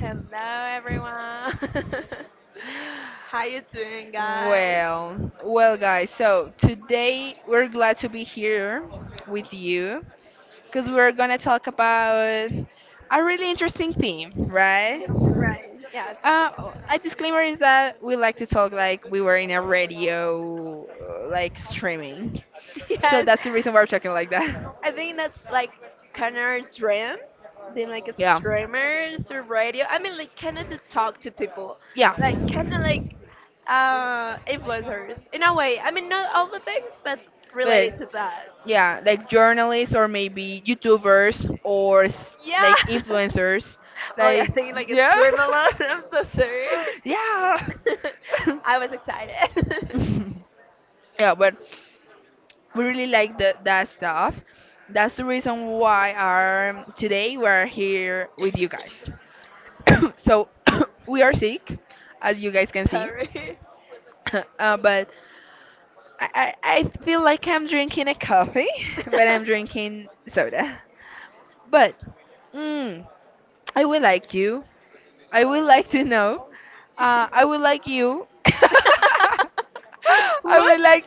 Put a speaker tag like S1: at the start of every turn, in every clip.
S1: Hello everyone. How you doing guys? Right. Yes. Yes. I think that's like kind of our dream, being like a streamer through radio. I mean, like kind of to talk to people, like kind of like influencers in a way. I mean, not all the things, but related to that. Yeah. Oh my god, I think like a stream a lot. I'm so sorry. I was excited. Terry. What?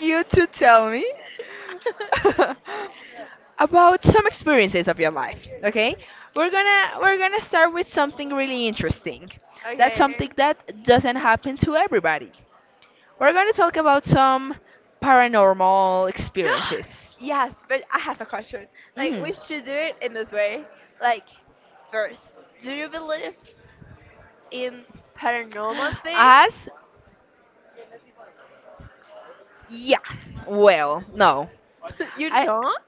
S1: Okay. Yes, but I have a question. Like, we should do it in this way. Like, first, do you believe in paranormal things? You don't?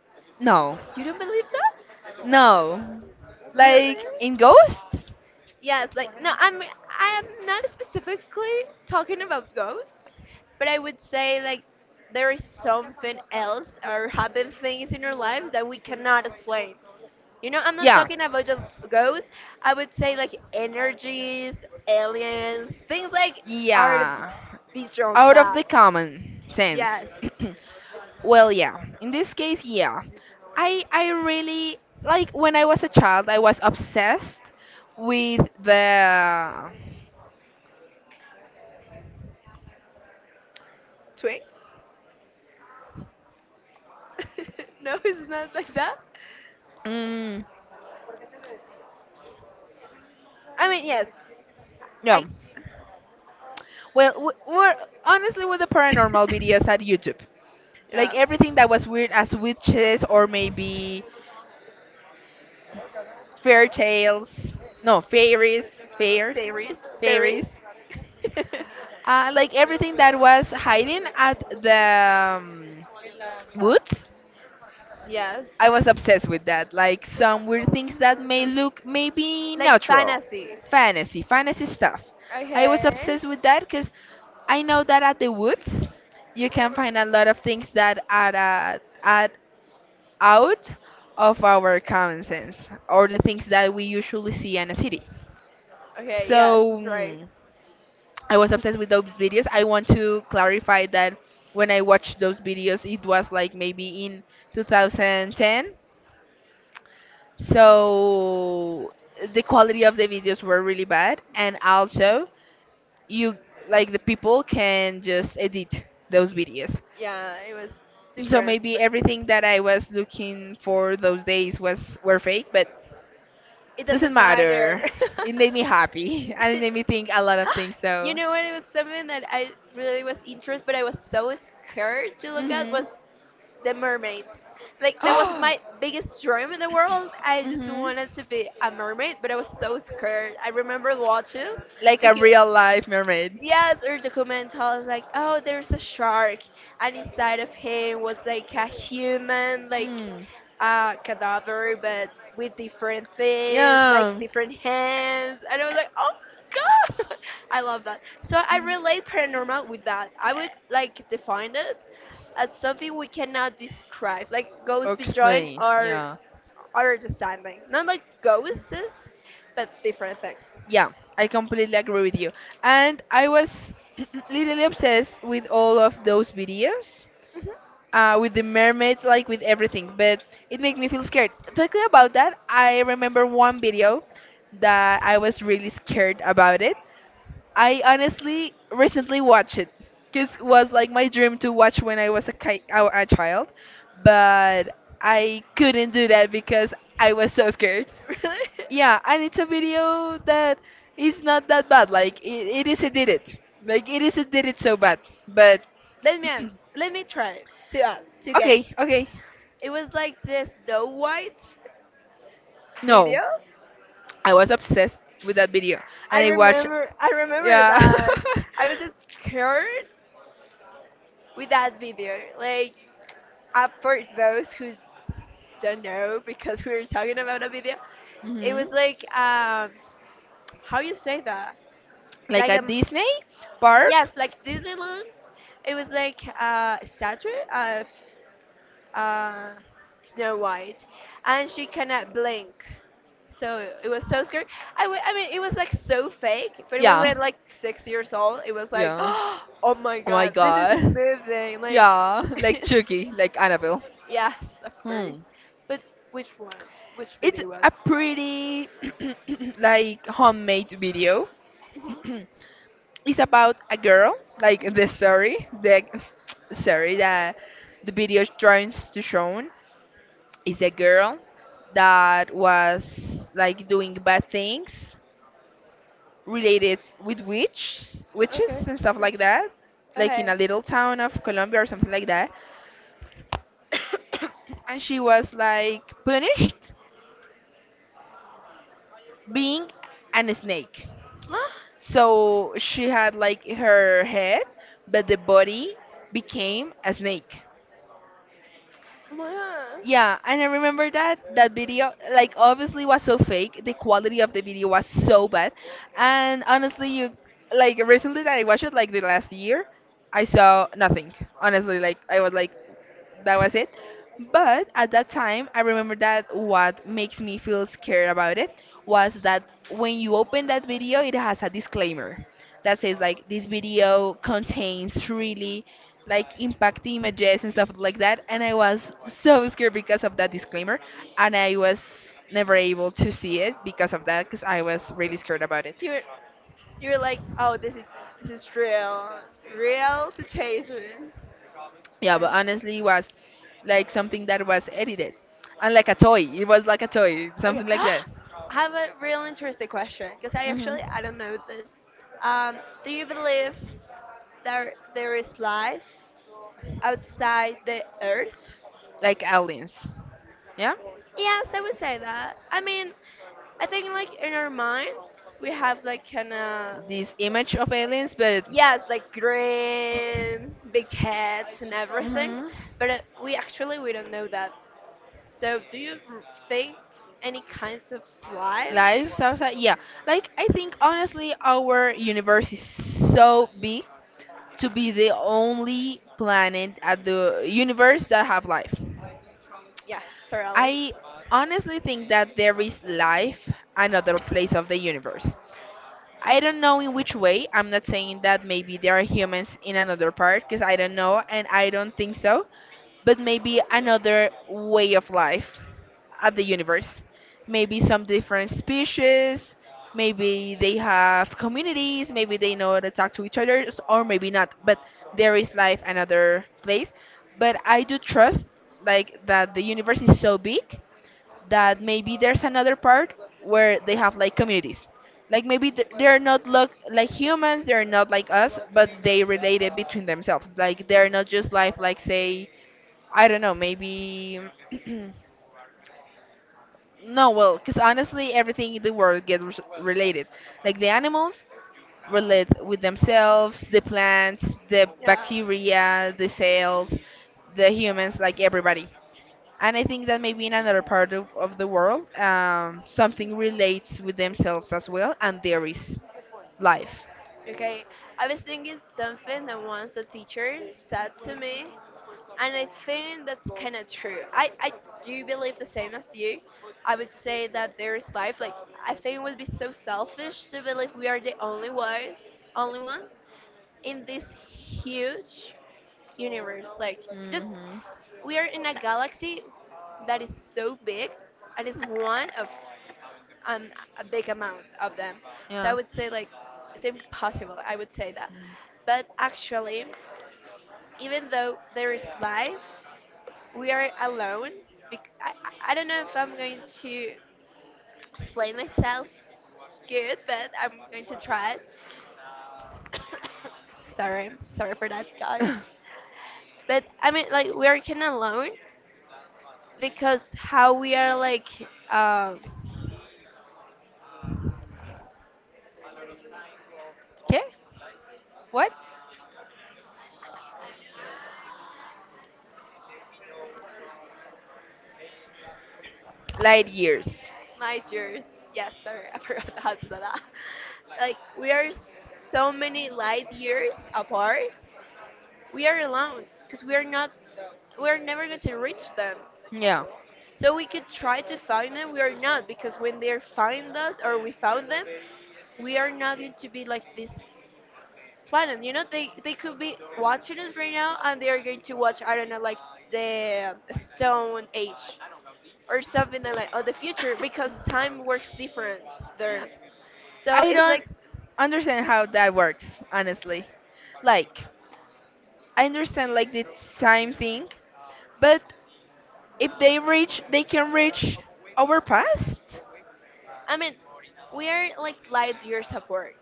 S1: You don't believe that? Really? Yes, like no, I am not specifically talking about ghosts, but I would say like there is something else or happen things in our lives that we cannot explain. You know, I'm not talking about just ghosts. I would say like energies, aliens, things like are beyond that. Yes, twins. No, it's not like that. I mean, yes, I. Yeah. Paris, Paris. Yes. Like fantasy. Okay. Okay. Yes, that's right. Yeah, it was different, but it doesn't matter. You know what? It was something that I really was interested, but I was so scared to look at was the mermaids. Like that was my biggest dream in the world. I just wanted to be a mermaid, but I was so scared. I remember watching, took you. Yes, or the comment was like, oh, there's a shark, and inside of him was like a human, like a cadaver, but with different things, like different hands. And I was like, oh, God! I love that. So I relate paranormal with that. I would like define it as something we cannot describe, like ghosts beyond our understanding. Not like ghosts, but different things. Mhm. Really? Let me ans Let me try to uh, to guess. It was like the Snow White video. I remember. I remember that. I was scared with that video. Like, for those who don't know, because we were talking about a video, it was like how you say that? Like yes, like Disneyland. It was like a statue of uh, Snow White, and she cannot blink. So it was so scary. I mean, it was like so fake. But when we were like 6 years old, it was like, oh my god, this is moving. Like, yes, of course. But which one? Which video was? Mhm. Okay. Okay. Ah, oh my god. You're you're like, oh, this is real, real situation. Oh, okay. I have a real interesting question because I actually I don't know this. Um, do you believe that there is life outside the Earth? Yes, I would say that. I mean, I think like in our minds we have like kind of yes, like green, big heads and everything, but we actually we don't know that. So, do you think any kinds of life? Yes, totally. Yeah. Okay, I was thinking something that once a teacher said to me, and I think that's kind of true. I do believe the same as you. I would say that there is life. Like, I think it would be so selfish to believe we are the only one, only ones in this huge universe. Like, just we are in a galaxy that is so big and it's one of and a big amount of them. So I would say like it's impossible. I would say that. But actually, even though there is life, we are alone. I don't know if I'm going to explain myself good, but I'm going to try it. Sorry, sorry for that, guys. But I mean, like we are kind of alone because how we are like. um My dears, yes, sorry, I forgot how to say that. Like, we are so many light years apart. We are alone because we are not, we are never going to reach them. So we could try to find them, we are not because when they find us or we found them, we are not going to be like this planet. You know, they could be watching us right now and they are going to watch I don't know like the Stone Age or something like or the future because time works different there. So it's like, I mean, we are like light years apart.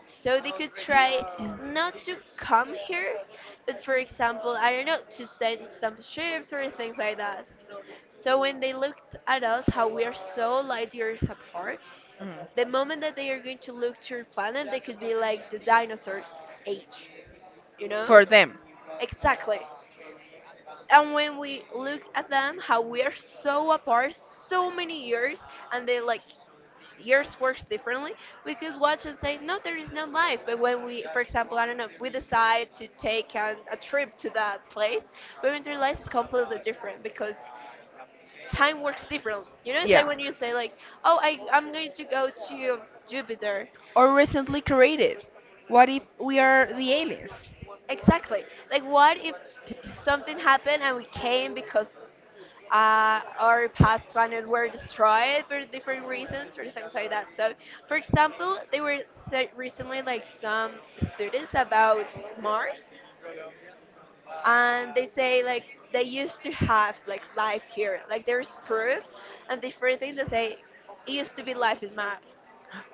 S1: So they could try not to come here, but for example, I don't know, to send some ships or things like that. So when they looked at us, how we are so light years apart, the moment that they are going to look to your planet, they could be like the dinosaurs age, you know? Exactly. And when we look at them, how we are so apart, so many years, and they like years works differently, we could watch and say, no, there is no life. But when we, for example, I don't know, we decide to take a trip to that place, we would realize it's completely different because time works different. You know, it's like when you say like, oh, I'm going to go to Jupiter. Exactly. Like, what if something happened and we came because our past planet were destroyed for different reasons or things like that? So, for example, they were recently like some studies about Mars, and they say like they used to have like life here. Like, there's proof and different things that say it used to be life in Mars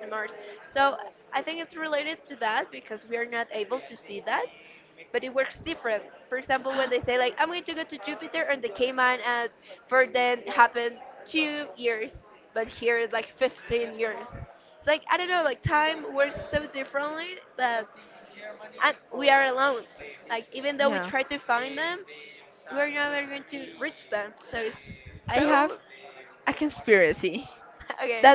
S1: and Mars. So I think it's related to that because we are not able to see that, but it works different. For example, when they say like I'm going to go to Jupiter and they came and for then happened 2 years, but here it's like 15 years. It's like I don't know, like time works so differently that and we are alone. Like even though we try to find them, we're never going to reach them. So it's so okay.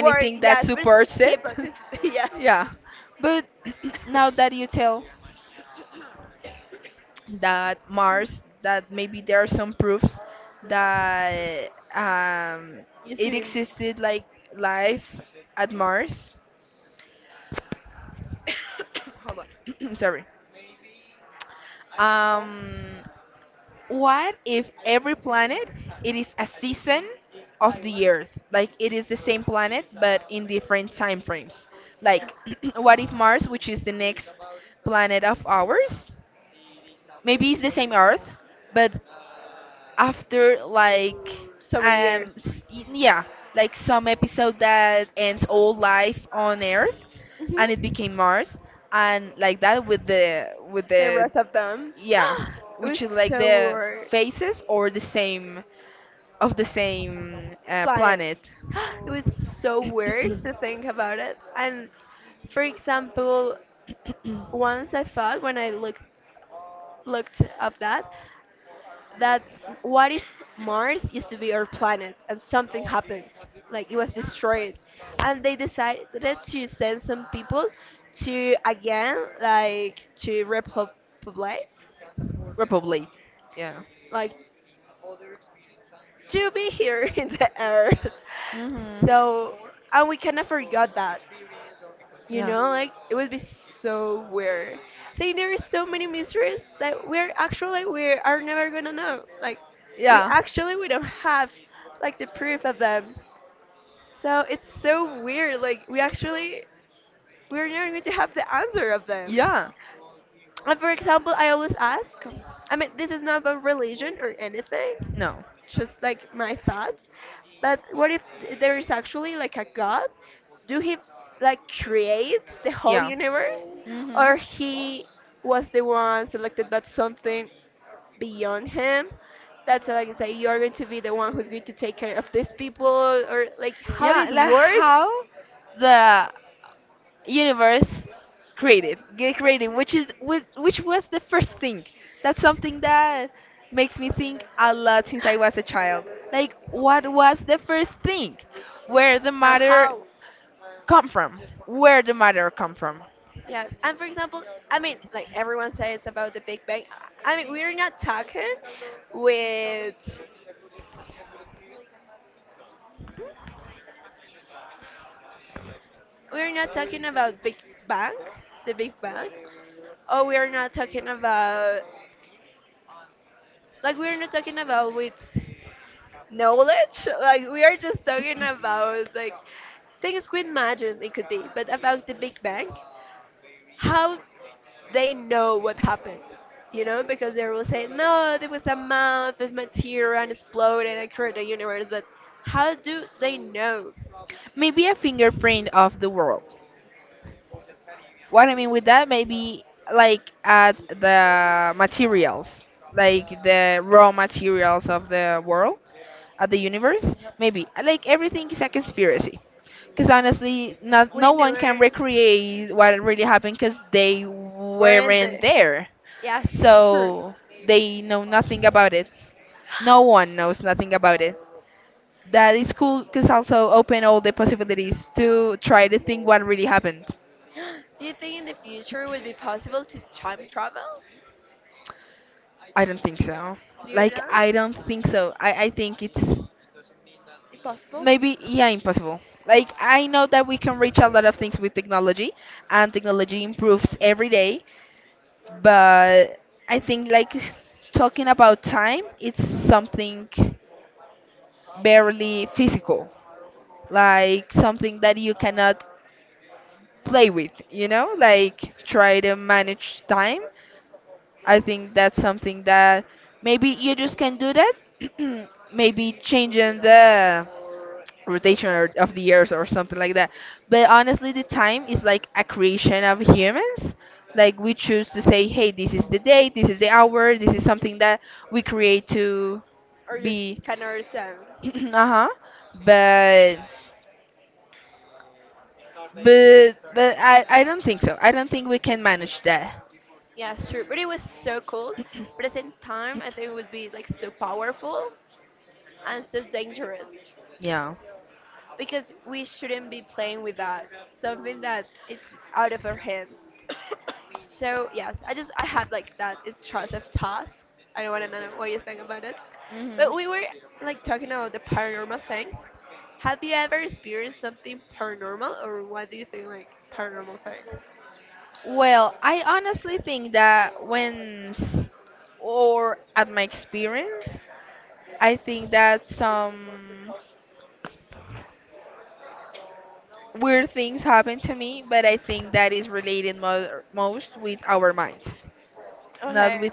S1: Work, yes, but hip hop is yes. Used to be so many years. Hmm. The rest of them, it was so weird. Planet. It was so weird to think about it. And for example, once I thought when I looked up that what if Mars used to be our planet and something happened, like it was destroyed, and they decided to send some people to again like to repopulate, like to be here in the earth. So, and we kind of forgot that, you know, like it would be so weird. I think there are so many mysteries that we're actually like, we are never gonna know. Like, we actually we don't have like the proof of them. So it's so weird. Like we're never going to have the answer of them. For example, I always ask, I mean, this is not about religion or anything, just like my thoughts, but what if there is actually like a God? Do he like create the whole universe? Or he was the one selected by something beyond him? That's like say you're going to be the one who's going to take care of these people or like how it works and how? Yes, and for example, I mean, like everyone says about the Big Bang. I mean, with, we're not talking about Big Bang, the Big Bang, or we're not talking about, like, we're not talking about with knowledge. Like, we are just talking about like things we imagine it could be, but about the Big Bang. How they know what happened, you know, because they will say, no, there was a mound of material and exploded and created the universe, but how do they know? We never weren't there. Yes, true. Do you think in the future it would be possible to time travel? You know, impossible, or just kind of understand? Yeah, sure. But it was so cool. But at the same time, I think it would be like so powerful and so dangerous. Because we shouldn't be playing with that something that it's out of our hands. So yes, I just I had like that intrusive thought. I don't want to know what you think about it, but we were like talking about the paranormal things. Have you ever experienced something paranormal, or what do you think like paranormal thing? Okay,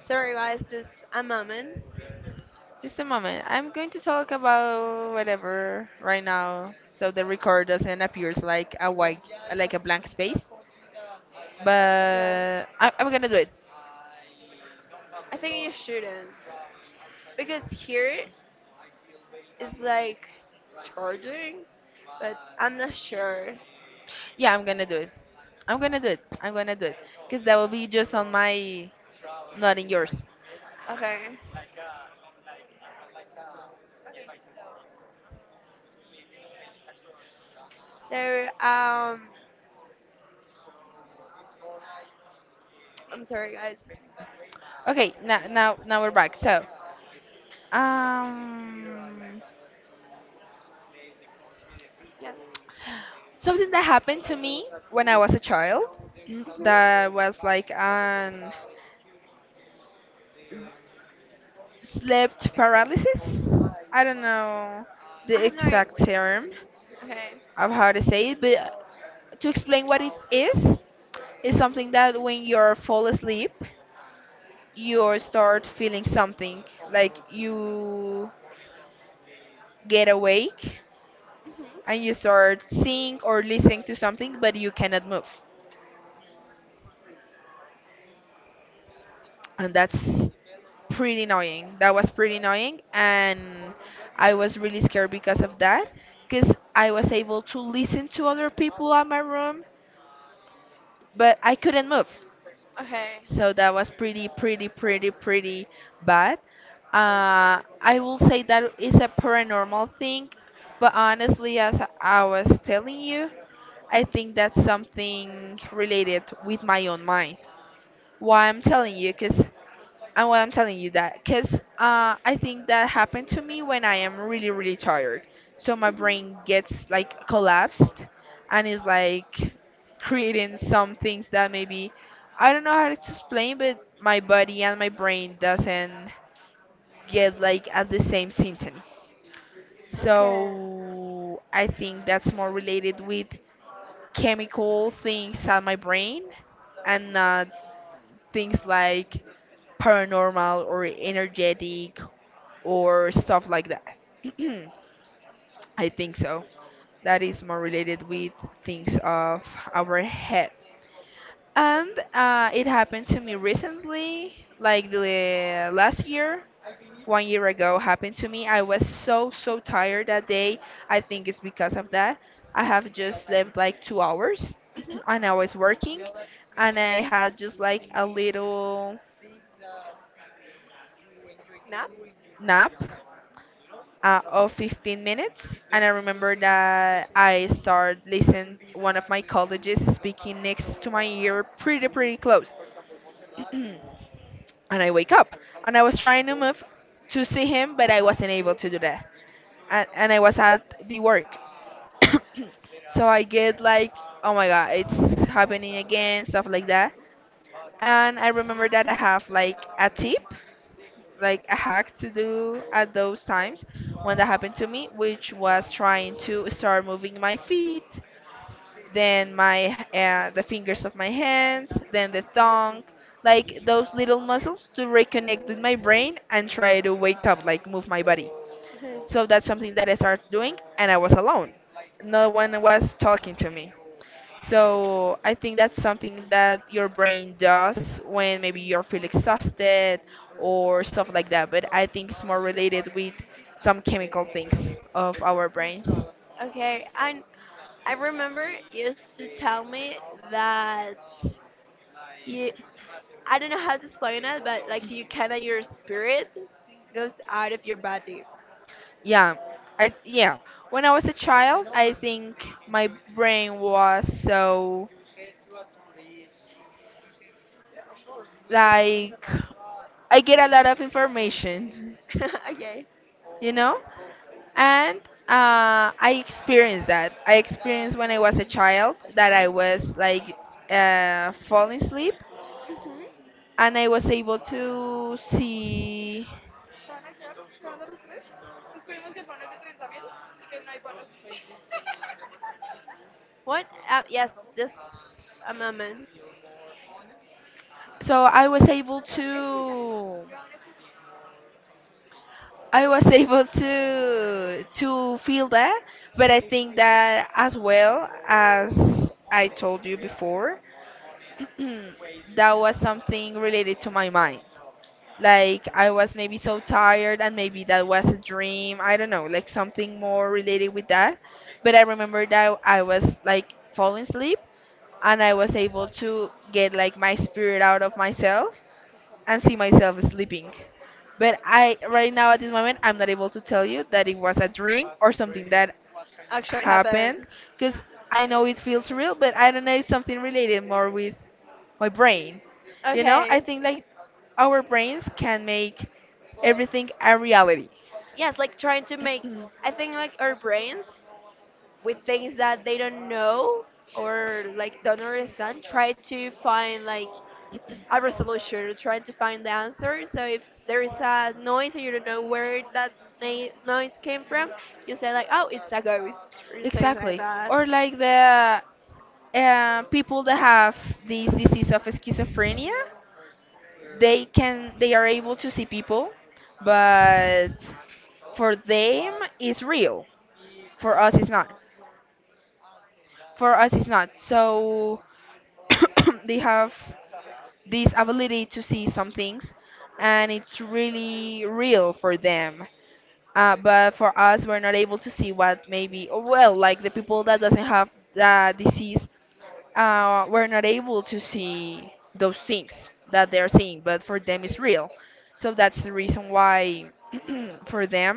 S1: sorry guys, just a moment. Yeah, I think you shouldn't because here it's like charging, but I'm not sure. Okay. So, I'm sorry, guys.
S2: Okay, now we're back. Um,
S1: Yeah.
S2: Something that happened to me when I was a child that was like
S1: Mhm.
S2: an slept paralysis. I don't know
S1: I
S2: the
S1: have no idea.
S2: exact term
S1: Okay.
S2: of how to say it, but to explain what it is, it's something that when you're fall asleep, you start feeling something like you get awake
S1: Hmm.
S2: and you start seeing or listening to something, but you cannot move. And that's pretty annoying. That was pretty annoying, and I was really scared because of that, because I was able to listen to other people at my room, but I couldn't move.
S1: Okay.
S2: So that was pretty, pretty, pretty, pretty bad. I will say that is a paranormal thing, but honestly, as I was telling you, I think that's something related with my own mind. Why I'm telling you, because And why I'm telling you that, because I think that happened to me when I am really, really tired. So my brain gets like collapsed and is like creating some things that maybe I don't know how to explain, but my body and my brain doesn't get like at the same symptom.
S1: Okay.
S2: So I think that's more related with chemical things on my brain and not things like paranormal or energetic or stuff like that. I think so. That is more related with things of our head. And it happened to me recently, like the last year, 1 year ago, happened to me. I was so, so tired that day. I think it's because of that. I have just slept like 2 hours
S1: Hmm.
S2: and I was working and I had just like a little
S1: Nap?
S2: nap of 15 minutes, and I remember that I started listening one of my colleagues speaking next to my ear, pretty pretty close. And I wake up and I was trying to move to see him, but I wasn't able to do that, and I was at the work. So I get like, oh my god, it's happening again, stuff like that. And I remember that I have like a tip, like a hack to do at those times. One that happened to me, which was trying to start moving my feet, then my the fingers of my hands, then the thumb, like those little muscles to reconnect with my brain and try to wake up, like move my body.
S1: Okay.
S2: So that's something that I started doing, and I was alone. No one was talking to me. So I think that's something that your brain does when maybe you feel exhausted or stuff like that. But I think it's more related with some chemical things of our brains.
S1: Okay, and I remember you used to tell me that you, I don't know how to explain it, but like you kind of your spirit goes out of your body.
S2: Yeah, I yeah. When I was a child, I think my brain was so like I get a lot of information,
S1: Okay.
S2: you know? And I experienced that. I experienced when I was a child that I was like falling asleep
S1: Hmm.
S2: and I was able to see.
S1: What? Yes, just a moment.
S2: So I was able to. I was able to feel that, but I think that as well as I told you before, that was something related to my mind. Like I was maybe so tired and maybe that was a dream. I don't know, like something more related with that. But I remember that I was like falling asleep and I was able to get like my spirit out of myself and see myself sleeping. But I right now at this moment I'm not able to tell you that it was a dream or something that
S1: Actually
S2: happened
S1: happened.
S2: because I know it feels real, but I don't know, it's something related more with my brain. You know, I
S1: Okay.
S2: think like our brains can make everything a reality.
S1: Yes, like trying to make, I think like our brains with things that they don't know or like don't understand, try to find like a resolution trying to find the answer. So if there is a noise and you don't know where that noise came from, you say like, oh, it's a ghost or things like
S2: Exactly.
S1: that.
S2: Or like the people that have this disease of schizophrenia, they can they are able to see people, but for them it's real. For us it's not. For us it's not. So they have this ability to see some things and it's really real for them. But for us we're not able to see what maybe, or well, like the people that doesn't have the disease, we're not able to see those things that they're seeing, but for them it's real. So that's the reason why for them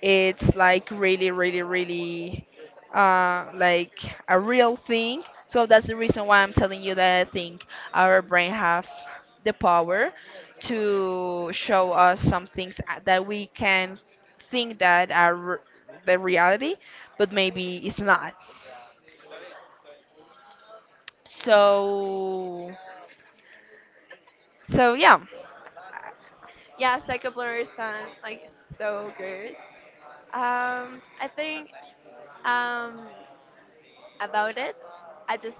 S2: it's like really really really like a real thing. So that's the reason why I'm telling you that I think our brain have the power to show us some things that we can think that are the reality, but maybe it's not. So so yeah.
S1: Yeah, psychoblurs sound like so good. I think um, about it, I just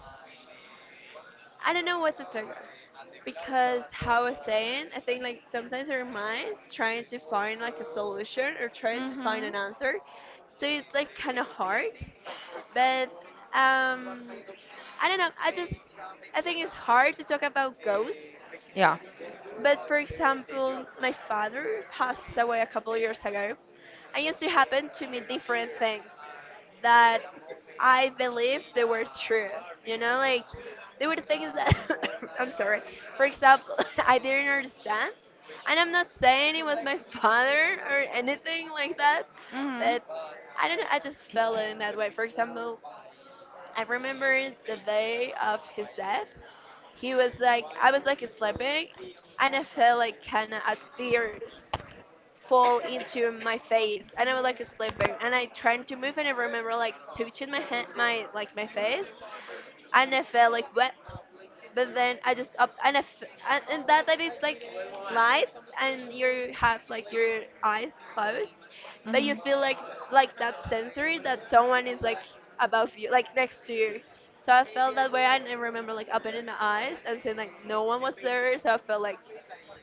S1: I don't know what to think of. Because how I was saying, I think like sometimes our minds trying to find like a solution or trying to find an
S2: Mhm.
S1: answer, so it's like kind of hard. But um, I don't know. I just I think it's hard to talk about ghosts.
S2: Yeah.
S1: But for example, my father passed away a couple of years ago, and used to happen to me different things that I believe they were true. You know, like they were things that I'm sorry. For example, I didn't understand, and I'm not saying it was my father or anything like that,
S2: Mhm.
S1: but I don't know. I just felt in that way. For example, I remember the day of his death. He was like, I was like sleeping, and I felt like kind of a tear fall into my face, and I was like sleeping, and I tried to move, and I remember like touching my hand, my like my face, and I felt like wet. But then I just up and and that is like lights and you have like your eyes closed, but you
S2: Mhm.
S1: feel like that sensory that someone is like above you, like next to you. So I felt that way and I remember like opening my eyes and saying like no one was there. So I felt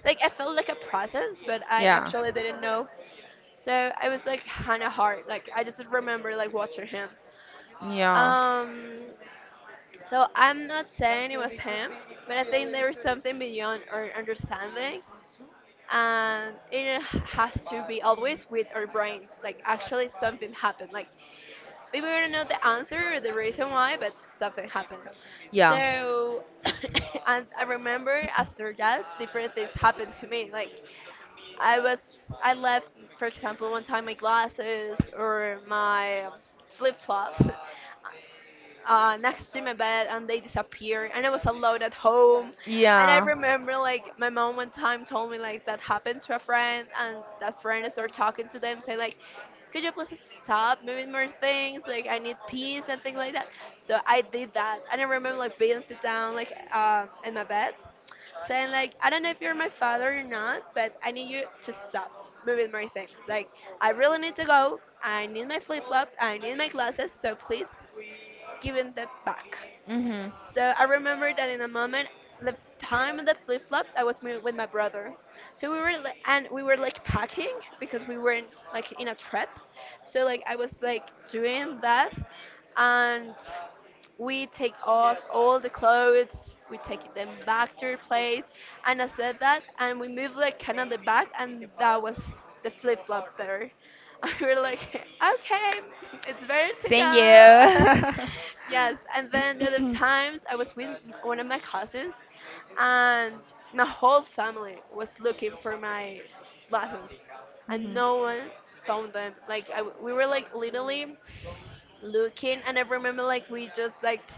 S1: like I felt like a presence, but I
S2: Yeah,
S1: actually didn't know. So I was like kind of hard. Like I just remember like watching him.
S2: yeah,
S1: Um, so I'm not saying it was him, but I think there is something beyond our understanding, and it has to be always with our brains. Like actually, something happened. Like maybe we don't know the answer or the reason why, but something happened.
S2: yeah,
S1: So, and I remember after that, different things happened to me. Like I was, I left, for example, one time my glasses or my flip flops next to my bed and they disappeared and I was alone at home and I
S2: yeah.
S1: remember like my mom one time told me like that happened to a friend and that friend started talking to them say like could you please stop moving more things like I need peace and things like that, so I did that and I remember like being sit down like in my bed saying like I don't know if you're my father or not but I need you to stop moving my things like I really need to go, I need my flip-flops, I need my glasses, so please given them back.
S2: Mhm.
S1: So I remember that in a moment, the time of the flip flops, I was with my brother. So and we were like packing because we weren't like in a trip. So like I was like doing that, and we take off all the clothes, we take them back to her place, and I said that, and we moved like kind of the back, and that was the flip flop there. And we were like, okay, it's ready to
S2: Thank
S1: go.
S2: you.
S1: Yes, and then the other times I was with one of my cousins, and my whole family was looking for my glasses, and
S2: Hmm.
S1: no one found them. Like I, we were like literally looking and I remember like we just like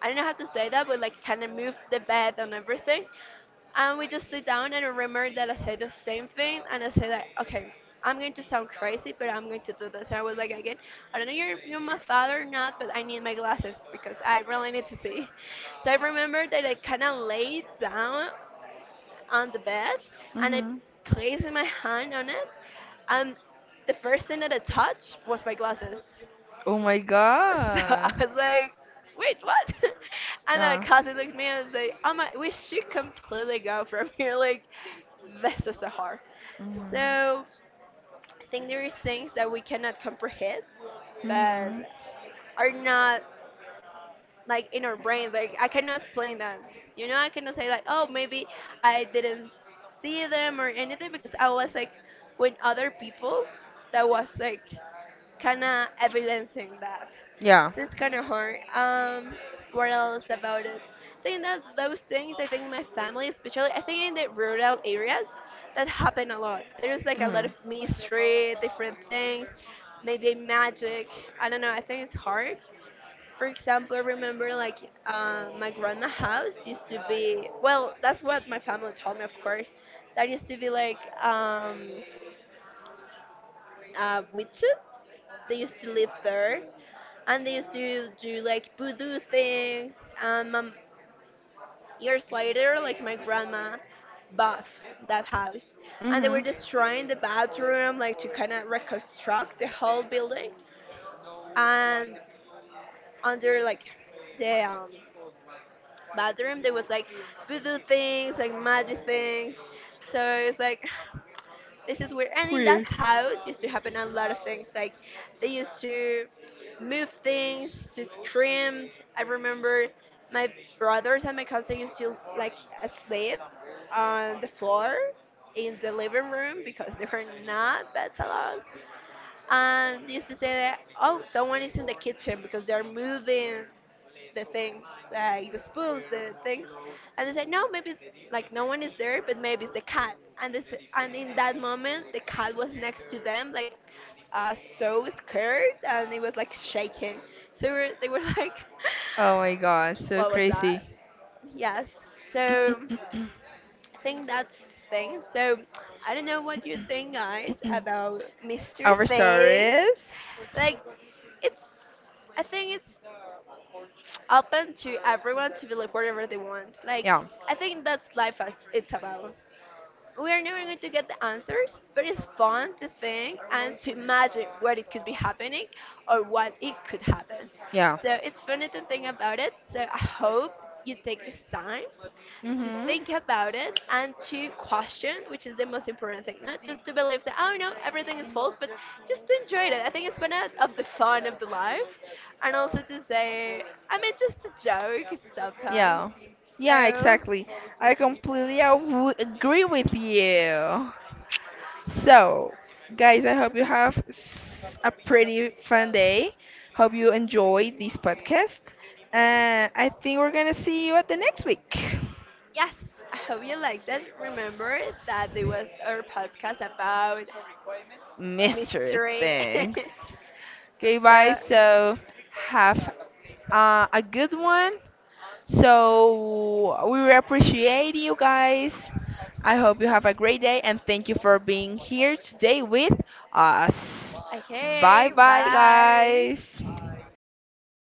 S1: I don't know how to say that but like kind of moved the bed and everything and we just sit down and I remember that I said the same thing and I said that okay I'm going to sound crazy but I'm going to do this and I was like again I don't know if you're my father or not but I need my glasses because I really need to see, so I remember that I kind of laid down on the bed and I
S2: Hmm.
S1: placed my hand on it and the first thing that I touched was my glasses,
S2: Oh my
S1: so I
S2: god.
S1: was like, wait, what? And my
S2: Yeah.
S1: cousin looked at me and was like, oh my, we should completely go from here. Like, this is so hard.
S2: Hmm.
S1: So I think there is things that we cannot comprehend
S2: Hmm.
S1: that are not like in our brains. Like I cannot explain that. You know, I cannot say like, oh, maybe I didn't see them or anything because I was like with other people that was like kind of evidencing that.
S2: Yeah.
S1: So it's kind of hard. What else about it? I think that those things, I think in my family, especially, I think in the rural areas, that happen a lot. There's like a
S2: Hmm.
S1: lot of mystery, different things, maybe magic. I don't know. I think it's hard. For example, I remember like my grandma house used to be well. That's what my family told me, of course. That used to be like um, witches. They used to live there, and they used to do like voodoo things. And years later, like my grandma bought that house, and they were
S2: Hmm.
S1: destroying the bathroom, like to kind of reconstruct the whole building. And under like the bathroom, there was like voodoo things, like magic things. So it's like this is weird. And in that
S2: Weird.
S1: house used to happen a lot of things. Like they used to move things, to scream. I remember my brothers and my cousin used to like sleep on the floor in the living room because there were not beds allowed. And they used to say that oh someone is in the kitchen because they're moving the things, like the spoons, the things, and they said no, maybe it's, like no one is there, but maybe it's the cat. And this, and in that moment, the cat was next to them, like so scared, and it was like shaking. So we were, they were like,
S2: Oh my god, so
S1: what was
S2: crazy.
S1: that? Yes. So I think that's thing. So I don't know what you think, guys, about Mr.
S2: Our star
S1: Thing.
S2: is.
S1: Like, it's. I think it's open to everyone to believe whatever they want. Like
S2: Yeah.
S1: I think that's life as it's about. We are never going to get the answers, but it's fun to think and to imagine what it could be happening or what it could happen.
S2: Yeah.
S1: So it's funny to think about it. So I hope you take this time to
S2: Mhm.
S1: think about it and to question, which is the most important thing. Not just to believe that, oh no, everything is false, but just to enjoy it. I think it's one of the fun of the life. And also to say, I mean, just a joke sometimes.
S2: Yeah. Yeah,
S1: So.
S2: exactly. I completely I would agree with you. So, guys, I hope you have a pretty fun day. Hope you enjoy this podcast. And I think we're going to see you at the next week.
S1: Yes, I hope you like that. Remember that there was our podcast about
S2: Mystery
S1: mystery.
S2: things. Okay, bye.
S1: So,
S2: So, have a good one. So, we really appreciate you guys. I hope you have a great day, and thank you for being here today with us. Bye
S1: okay,
S2: bye,
S1: bye.
S2: guys.